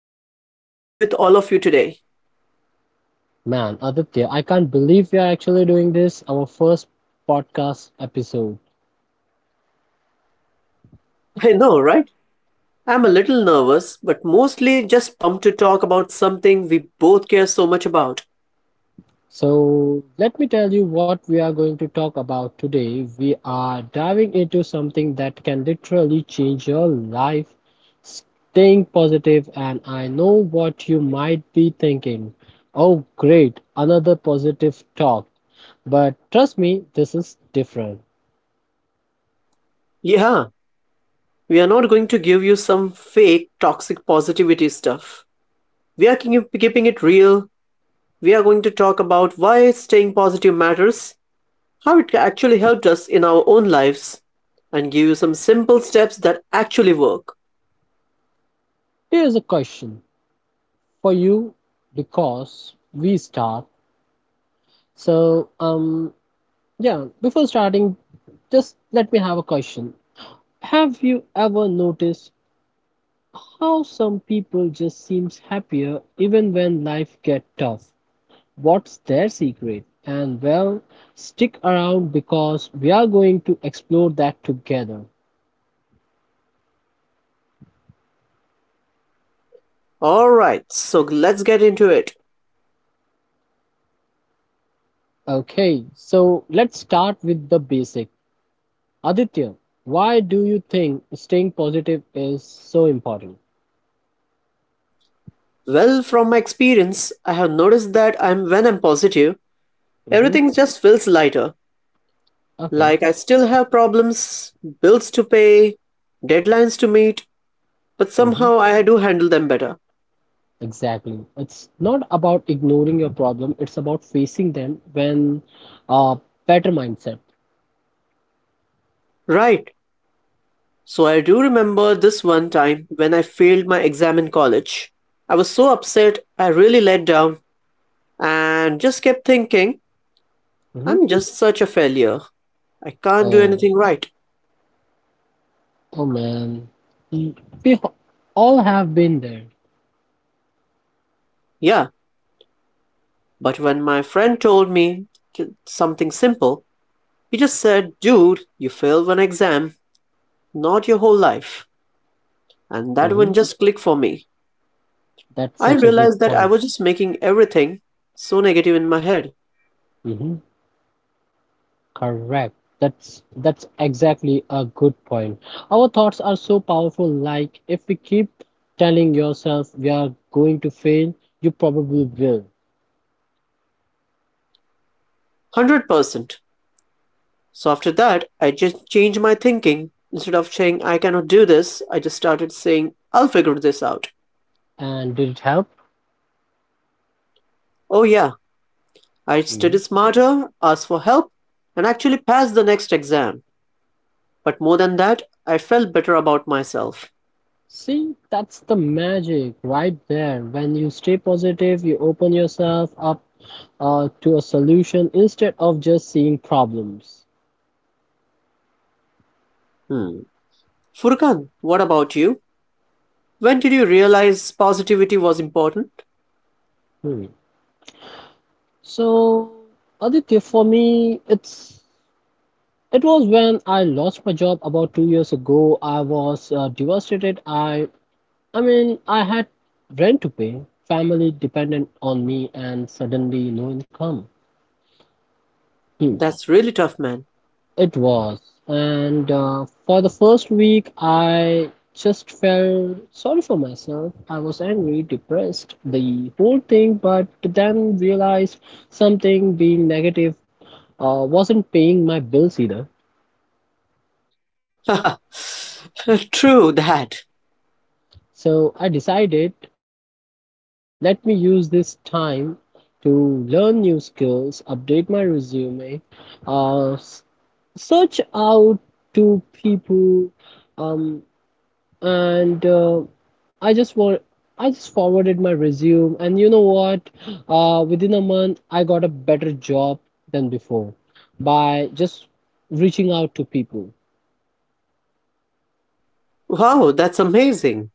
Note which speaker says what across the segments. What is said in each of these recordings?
Speaker 1: excited to be here with all of you today.
Speaker 2: Man, Aditya, I can't believe we are actually doing this, our first podcast episode.
Speaker 1: I know, right? I'm a little nervous, but mostly just pumped to talk about something we both care so much about.
Speaker 2: So, let me tell you what we are going to talk about today. We are diving into something that can literally change your life, staying positive, and I know what you might be thinking. Oh, great, another positive talk. But trust me, this is different.
Speaker 1: Yeah, we are not going to give you some fake toxic positivity stuff. We are keeping it real. We are going to talk about why staying positive matters, how it actually helped us in our own lives, and give you some simple steps that actually work.
Speaker 2: Here's a question for you because we start. So, yeah, before starting, just let me have a question. Have you ever noticed how some people just seems happier even when life get tough. What's their secret? And well, stick around because we are going to explore that together.
Speaker 1: Alright, so let's get into it.
Speaker 2: Okay, so let's start with the basic. Aditya, why do you think staying positive is so important?
Speaker 1: Well, from my experience, I have noticed that I'm when I'm positive,
Speaker 2: Mm-hmm.
Speaker 1: everything just feels lighter.
Speaker 2: Okay.
Speaker 1: Like I still have problems, bills to pay, deadlines to meet, but
Speaker 2: Mm-hmm.
Speaker 1: somehow I do handle them better.
Speaker 2: Exactly. It's not about ignoring your problem, it's about facing them when a better mindset.
Speaker 1: Right. So I do remember this one time when I failed my exam in college. I was so upset, I really let down and just kept thinking,
Speaker 2: Mm-hmm.
Speaker 1: I'm just such a failure. I can't do
Speaker 2: Oh.
Speaker 1: anything right.
Speaker 2: Oh man, Mm, we h- all have been there.
Speaker 1: Yeah, but when my friend told me something simple, he just said, dude, you failed one exam, not your whole life. And that
Speaker 2: Mm-hmm.
Speaker 1: one just clicked for me.
Speaker 2: That's
Speaker 1: I
Speaker 2: such a
Speaker 1: realized
Speaker 2: good
Speaker 1: that I
Speaker 2: point.
Speaker 1: was just making everything so negative in my head.
Speaker 2: Mm-hmm. Correct. That's exactly a good point. Our thoughts are so powerful. Like if we keep telling yourself we are going to fail, you probably will.
Speaker 1: 100%. So after that, I just changed my thinking. Instead of saying, I cannot do this, I just started saying, I'll figure this out.
Speaker 2: And did it help?
Speaker 1: Oh yeah, I studied
Speaker 2: Mm-hmm.
Speaker 1: smarter, asked for help, and actually passed the next exam. But more than that, I felt better about myself.
Speaker 2: See, that's the magic right there. When you stay positive, you open yourself up to a solution instead of just seeing problems.
Speaker 1: Hmm. Furkan, what about you? When did you realize positivity was important?
Speaker 2: So, Aditya, for me, it was when I lost my job about 2 years ago. I was devastated. I mean, I had rent to pay, family dependent on me, and suddenly no income. Hmm,
Speaker 1: That's really tough, man.
Speaker 2: it was. And for the first week, I just felt sorry for myself. I was angry, depressed, the whole thing, but then realized something being negative wasn't paying my bills either.
Speaker 1: True that.
Speaker 2: So I decided, okay, let me use this time to learn new skills, update my resume, uh, s- search out to people, um, and I just want. I just forwarded my resume, and you know what? Within a month, I got a better job than before by just reaching out to people.
Speaker 1: Wow, that's amazing.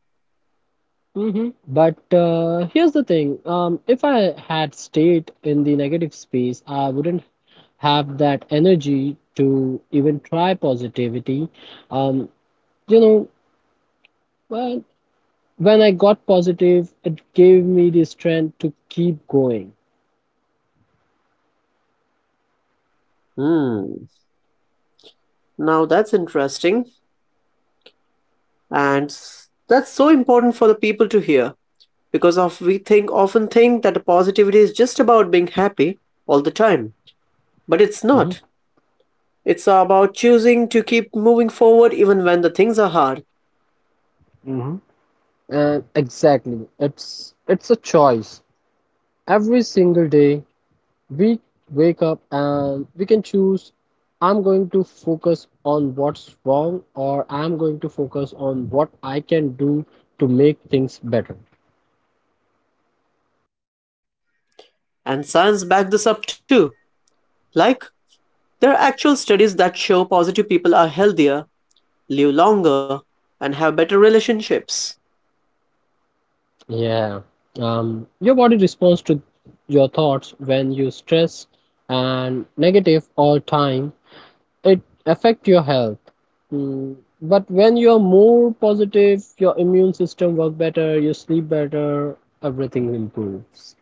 Speaker 2: But here's the thing. If I had stayed in the negative space, I wouldn't have that energy to even try positivity. Um, you know, well, when I got positive, it gave me the strength to keep going.
Speaker 1: Hmm. Now that's interesting. And that's so important for the people to hear because of we think often think that positivity is just about being happy all the time, but it's
Speaker 2: Mhm.
Speaker 1: not. It's about choosing to keep moving forward even when the things are hard.
Speaker 2: Mm-hmm. Exactly. It's a choice. Every single day, we wake up and we can choose I'm going to focus on what's wrong or I'm going to focus on what I can do to make things better.
Speaker 1: And science back this up too. Like there are actual studies that show positive people are healthier, live longer, and have better relationships.
Speaker 2: Yeah. Your body responds to your thoughts when you stress and negative all time. It affect your health. Mm, but when you're more positive, your immune system work better, you sleep better, everything improves.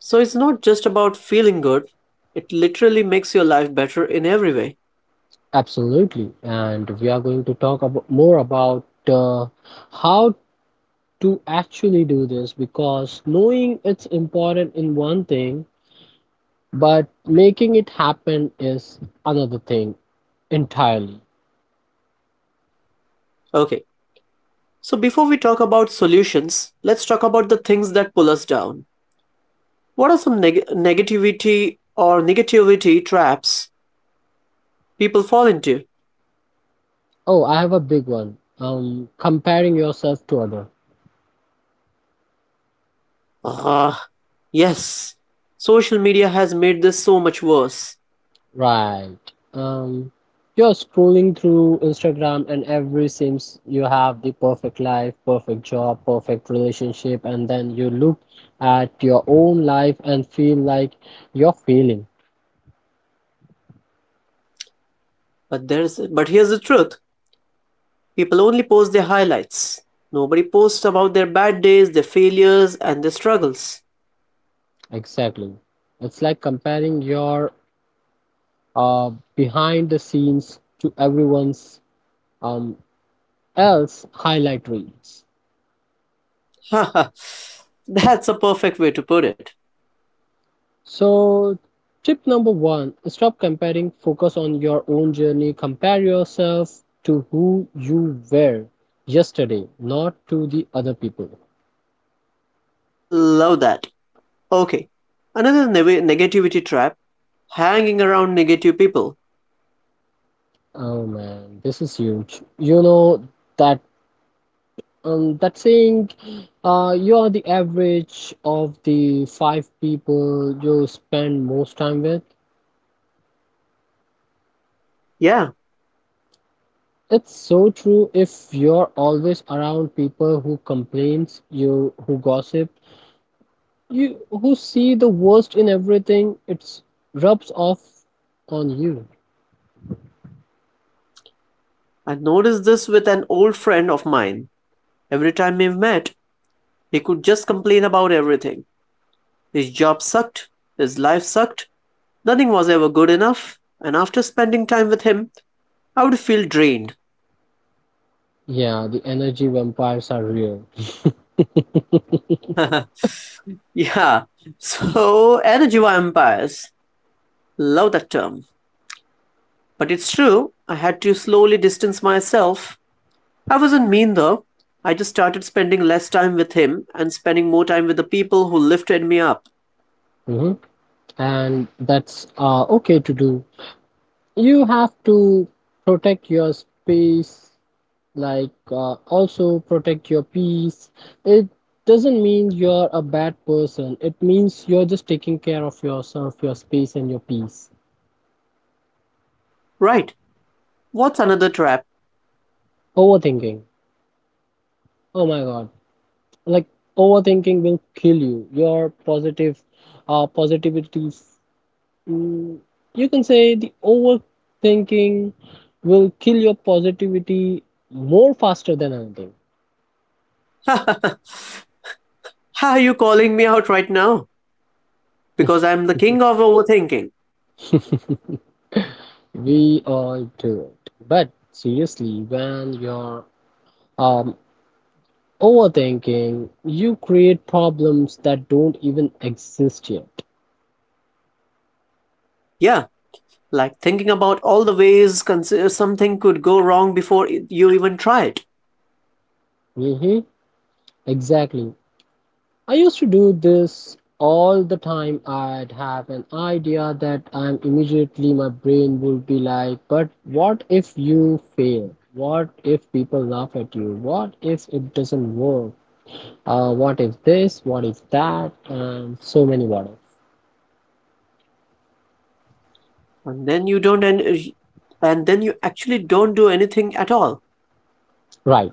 Speaker 1: So it's not just about feeling good, it literally makes your life better in every way.
Speaker 2: Absolutely. And we are going to talk about more about uh, how to actually do this because knowing it's important in one thing, but making it happen is another thing entirely.
Speaker 1: Okay, so before we talk about solutions, let's talk about the things that pull us down. What are some negativity or negativity traps people fall into?
Speaker 2: Oh, I have a big one. Comparing yourself to others.
Speaker 1: Ah, yes. Social media has made this so much worse.
Speaker 2: Right. Um, you're scrolling through Instagram and every seems you have the perfect life, perfect job, perfect relationship, and then you look at your own life and feel like you're failing.
Speaker 1: But there's but here's the truth. People only post their highlights. Nobody posts about their bad days, their failures, and their struggles.
Speaker 2: Exactly. It's like comparing your behind the scenes to everyone's um, else highlight reels.
Speaker 1: That's a perfect way to put it.
Speaker 2: So, tip number one, stop comparing, focus on your own journey. Compare yourself to who you were yesterday, not to the other people.
Speaker 1: Love that. Okay, another negativity trap hanging around negative people.
Speaker 2: Oh man, this is huge. You know that that saying, you are the average of the five people you spend most time with.
Speaker 1: Yeah,
Speaker 2: It's so true, if you're always around people who complains, you who gossip, you who see the worst in everything, it rubs off on you.
Speaker 1: I noticed this with an old friend of mine. Every time we met, he could just complain about everything. His job sucked, his life sucked, nothing was ever good enough, and after spending time with him, I would feel drained.
Speaker 2: Yeah, the energy vampires are real.
Speaker 1: Yeah, so energy vampires. Love that term. But it's true, I had to slowly distance myself. I wasn't mean though. I just started spending less time with him and spending more time with the people who lifted me up.
Speaker 2: Mhm. And that's okay to do. You have to protect your space, like also protect your peace. It doesn't mean you're a bad person. It means you're just taking care of yourself, your space, and your peace.
Speaker 1: Right, what's another trap?
Speaker 2: Overthinking. Oh my God. Like overthinking will kill you your positive positivity mm, you can say the overthinking will kill your positivity more faster than anything.
Speaker 1: How are you calling me out right now? Because I'm the king of overthinking.
Speaker 2: We all do it, but seriously, when you're um overthinking, you create problems that don't even exist yet.
Speaker 1: Yeah, like thinking about all the ways something could go wrong before you even try it.
Speaker 2: Hmm. Exactly. I used to do this all the time. I'd have an idea that I'm immediately my brain would be like, but what if you fail? What if people laugh at you? What if it doesn't work? What if this? What if that? And so many what ifs.
Speaker 1: and then you don't and and then you actually don't do anything at all.
Speaker 2: Right.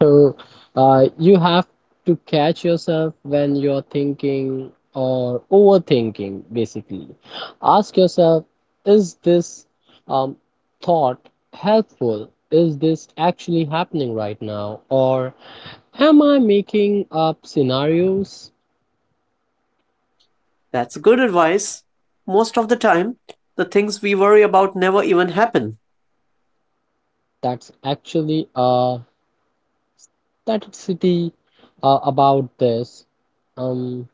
Speaker 2: So, you have to catch yourself when you're thinking or overthinking, basically. Ask yourself, is this um, thought helpful? Is this actually happening right now? Or am I making up scenarios
Speaker 1: That's good advice. Most of the time, the things we worry about never even happen.
Speaker 2: that's actually that city about this? Um,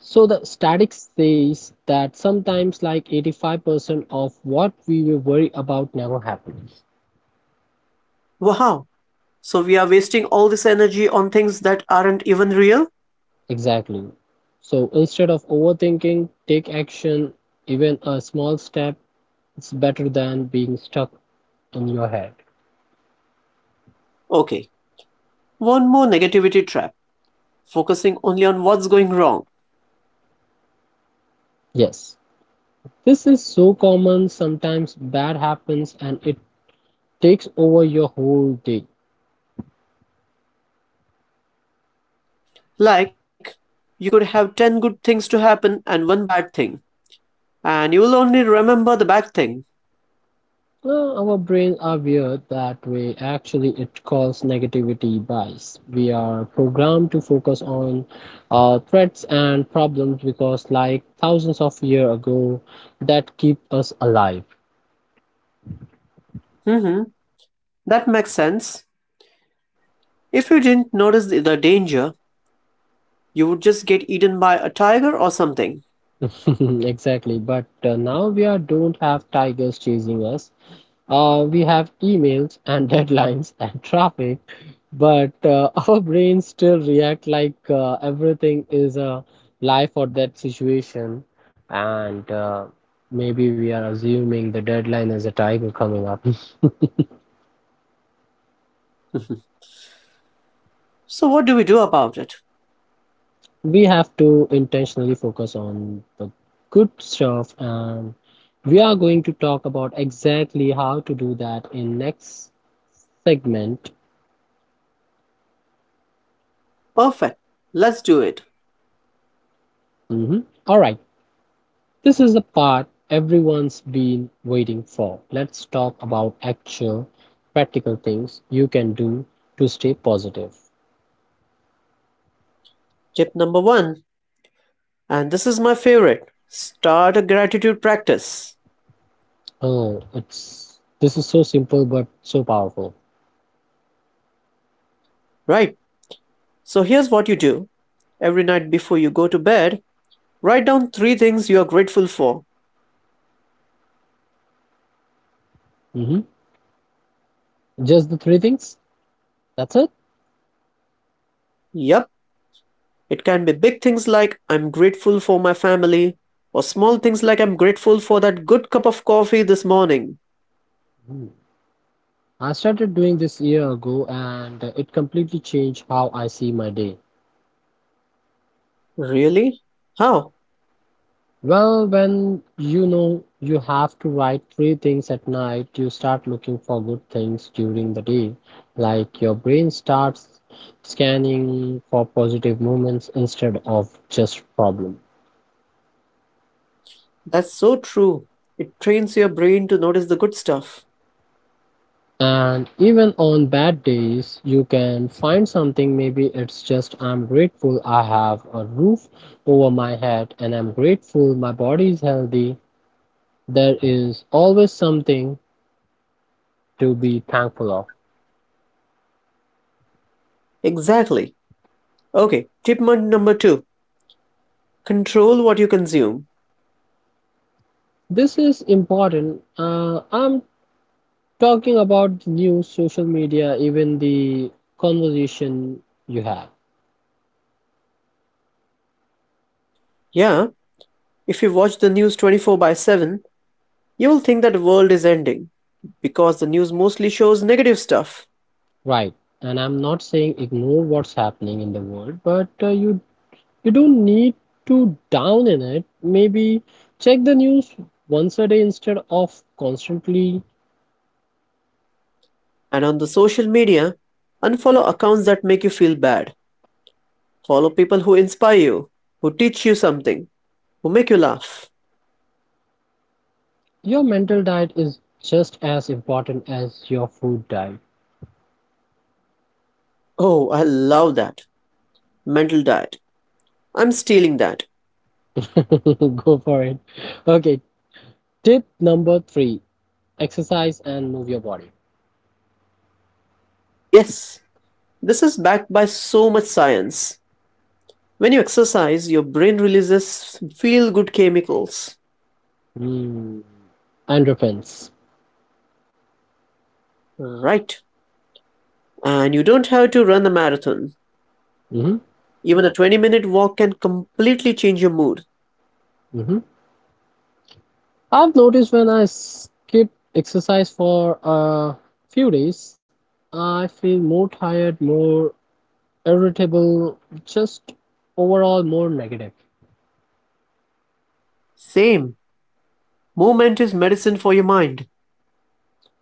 Speaker 2: So the statics says that sometimes like 85% of what we will worry about never happens.
Speaker 1: Wow. So we are wasting all this energy on things that aren't even real.
Speaker 2: Exactly. So instead of overthinking, take action, even a small step, is better than being stuck in your head.
Speaker 1: Okay, one more negativity trap, focusing only on what's going wrong.
Speaker 2: Yes. This is so common, sometimes bad happens and it takes over your whole day.
Speaker 1: Like, you could have 10 good things to happen and one bad thing, and you will only remember the bad thing.
Speaker 2: Well, our brain are weird that way. Actually, it calls negativity bias. We are programmed to focus on threats and problems because, like thousands of years ago, that keep us alive.
Speaker 1: Mhm. That makes sense. If you didn't notice the danger, you would just get eaten by a tiger or something.
Speaker 2: Exactly. But now we are don't have tigers chasing us. We have emails and deadlines and traffic, but our brains still react like everything is a life or that situation. And maybe we are assuming the deadline is a tiger coming up.
Speaker 1: So, what do we do about it?
Speaker 2: We have to intentionally focus on the good stuff, and we are going to talk about exactly how to do that in next segment.
Speaker 1: Perfect. Let's do it.
Speaker 2: Mhm. All right. This is the part everyone's been waiting for. Let's talk about actual practical things you can do to stay positive.
Speaker 1: Tip number one, and this is my favorite, start a gratitude practice.
Speaker 2: Oh, it's this is so simple but so powerful.
Speaker 1: Right. So, here's what you do every night before you go to bed, write down three things you are grateful for.
Speaker 2: Hmm. Just the three things. That's it.
Speaker 1: Yep. It can be big things like I'm grateful for my family, or small things like I'm grateful for that good cup of coffee this morning.
Speaker 2: Mm. I started doing this a year ago and it completely changed how I see my day.
Speaker 1: Really? How?
Speaker 2: Well, when you know you have to write three things at night, you start looking for good things during the day. Like your brain starts scanning for positive moments instead of just problem.
Speaker 1: That's so true. It trains your brain to notice the good stuff.
Speaker 2: And even on bad days, you can find something. Maybe it's just I'm grateful I have a roof over my head and I'm grateful my body is healthy. There is always something to be thankful of.
Speaker 1: Exactly. Okay, tip number two, control what you consume.
Speaker 2: This is important. I'm talking about the news, social media, even the conversation you have,
Speaker 1: Yeah, if you watch the news 24 by 7, you'll think that the world is ending because the news mostly shows negative stuff.
Speaker 2: right? And I'm not saying ignore what's happening in the world, but you don't need to down in it. Maybe check the news once a day instead of constantly.
Speaker 1: And on the social media, unfollow accounts that make you feel bad. Follow people who inspire you, who teach you something, who make you laugh.
Speaker 2: Your mental diet is just as important as your food diet.
Speaker 1: Oh, I love that. Mental diet. I'm stealing that.
Speaker 2: Go for it. Okay, tip number three, exercise and move your body.
Speaker 1: Yes. This is backed by so much science. When you exercise, your brain releases feel good chemicals.
Speaker 2: Mm. Endorphins.
Speaker 1: Right. And you don't have to run a marathon.
Speaker 2: Hmm.
Speaker 1: Even a 20-minute walk can completely change your mood.
Speaker 2: Hmm. I've noticed when I skip exercise for a few days, I feel more tired, more irritable, just overall more negative.
Speaker 1: Same. Movement is medicine for your mind.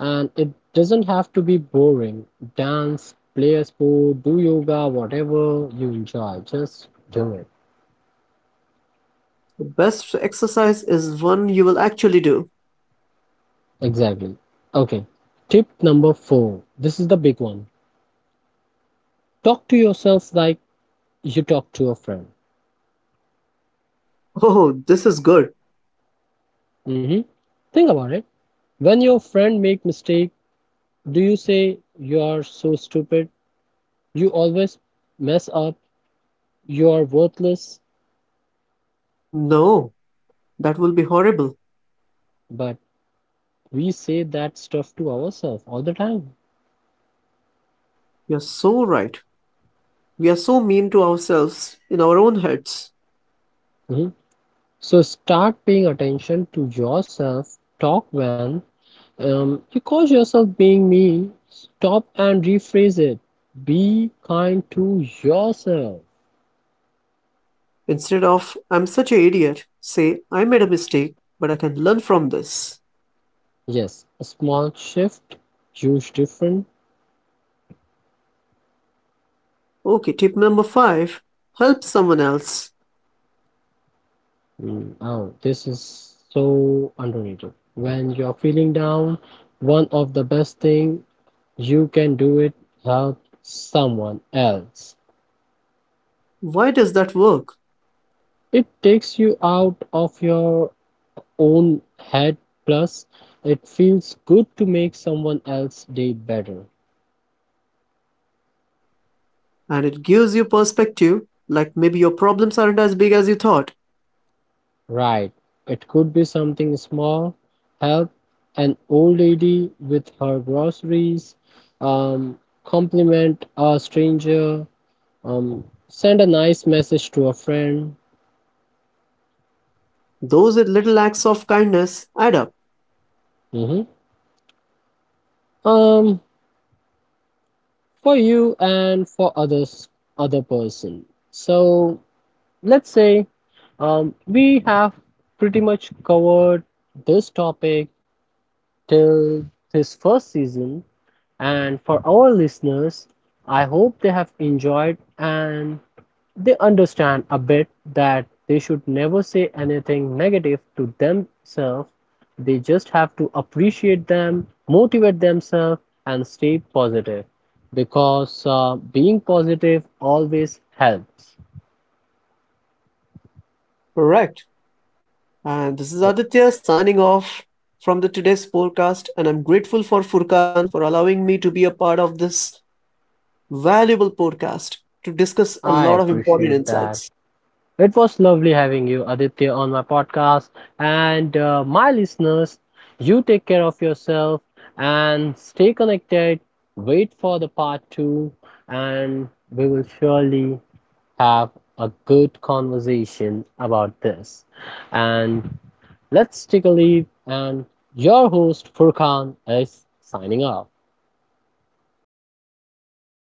Speaker 2: And it doesn't have to be boring. Dance, play a sport, do yoga, whatever you enjoy, just do it.
Speaker 1: The best exercise is one you will actually do.
Speaker 2: Exactly. Okay. Tip number four. This is the big one. Talk to yourself like you talk to a friend.
Speaker 1: Oh, this is good.
Speaker 2: Hmm. Think about it. When your friend make mistake, do you say you are so stupid, you always mess up, you are worthless?
Speaker 1: No, that will be horrible.
Speaker 2: But we say that stuff to ourselves all the time.
Speaker 1: You're so right. We are so mean to ourselves in our own heads.
Speaker 2: Mhm. So start paying attention to yourself. Talk when you cause yourself being mean. Stop and rephrase it. Be kind to yourself.
Speaker 1: Instead of, I'm such an idiot, say, I made a mistake, but I can learn from this.
Speaker 2: Yes, a small shift, huge difference.
Speaker 1: Okay, tip number five, help someone else.
Speaker 2: Mm, oh, this is so underrated. When you're feeling down, one of the best thing you can do it help someone else.
Speaker 1: Why does that work?
Speaker 2: It takes you out of your own head, plus it feels good to make someone else's day better.
Speaker 1: And it gives you perspective, like maybe your problems aren't as big as you thought.
Speaker 2: Right. It could be something small, help an old lady with her groceries, um, compliment a stranger, Um, send a nice message to a friend.
Speaker 1: Those little acts of kindness add up.
Speaker 2: Mhm. Um, for you and for others, other person. So let's say we have pretty much covered this topic till this first season. And for our listeners, I hope they have enjoyed and they understand a bit that they should never say anything negative to themselves. They just have to appreciate them, motivate themselves, and stay positive because being positive always helps.
Speaker 1: Correct. And this is Aditya signing off from the today's podcast, and I'm grateful for Furkan for allowing me to be a part of this valuable podcast to discuss a
Speaker 2: I
Speaker 1: lot of important
Speaker 2: appreciate that.
Speaker 1: insights.
Speaker 2: It was lovely having you, Aditya, on my podcast. And my listeners, you take care of yourself and stay connected. Wait for the part two, and we will surely have a good conversation about this. And let's take a leave. And your host, Furkan, is signing off.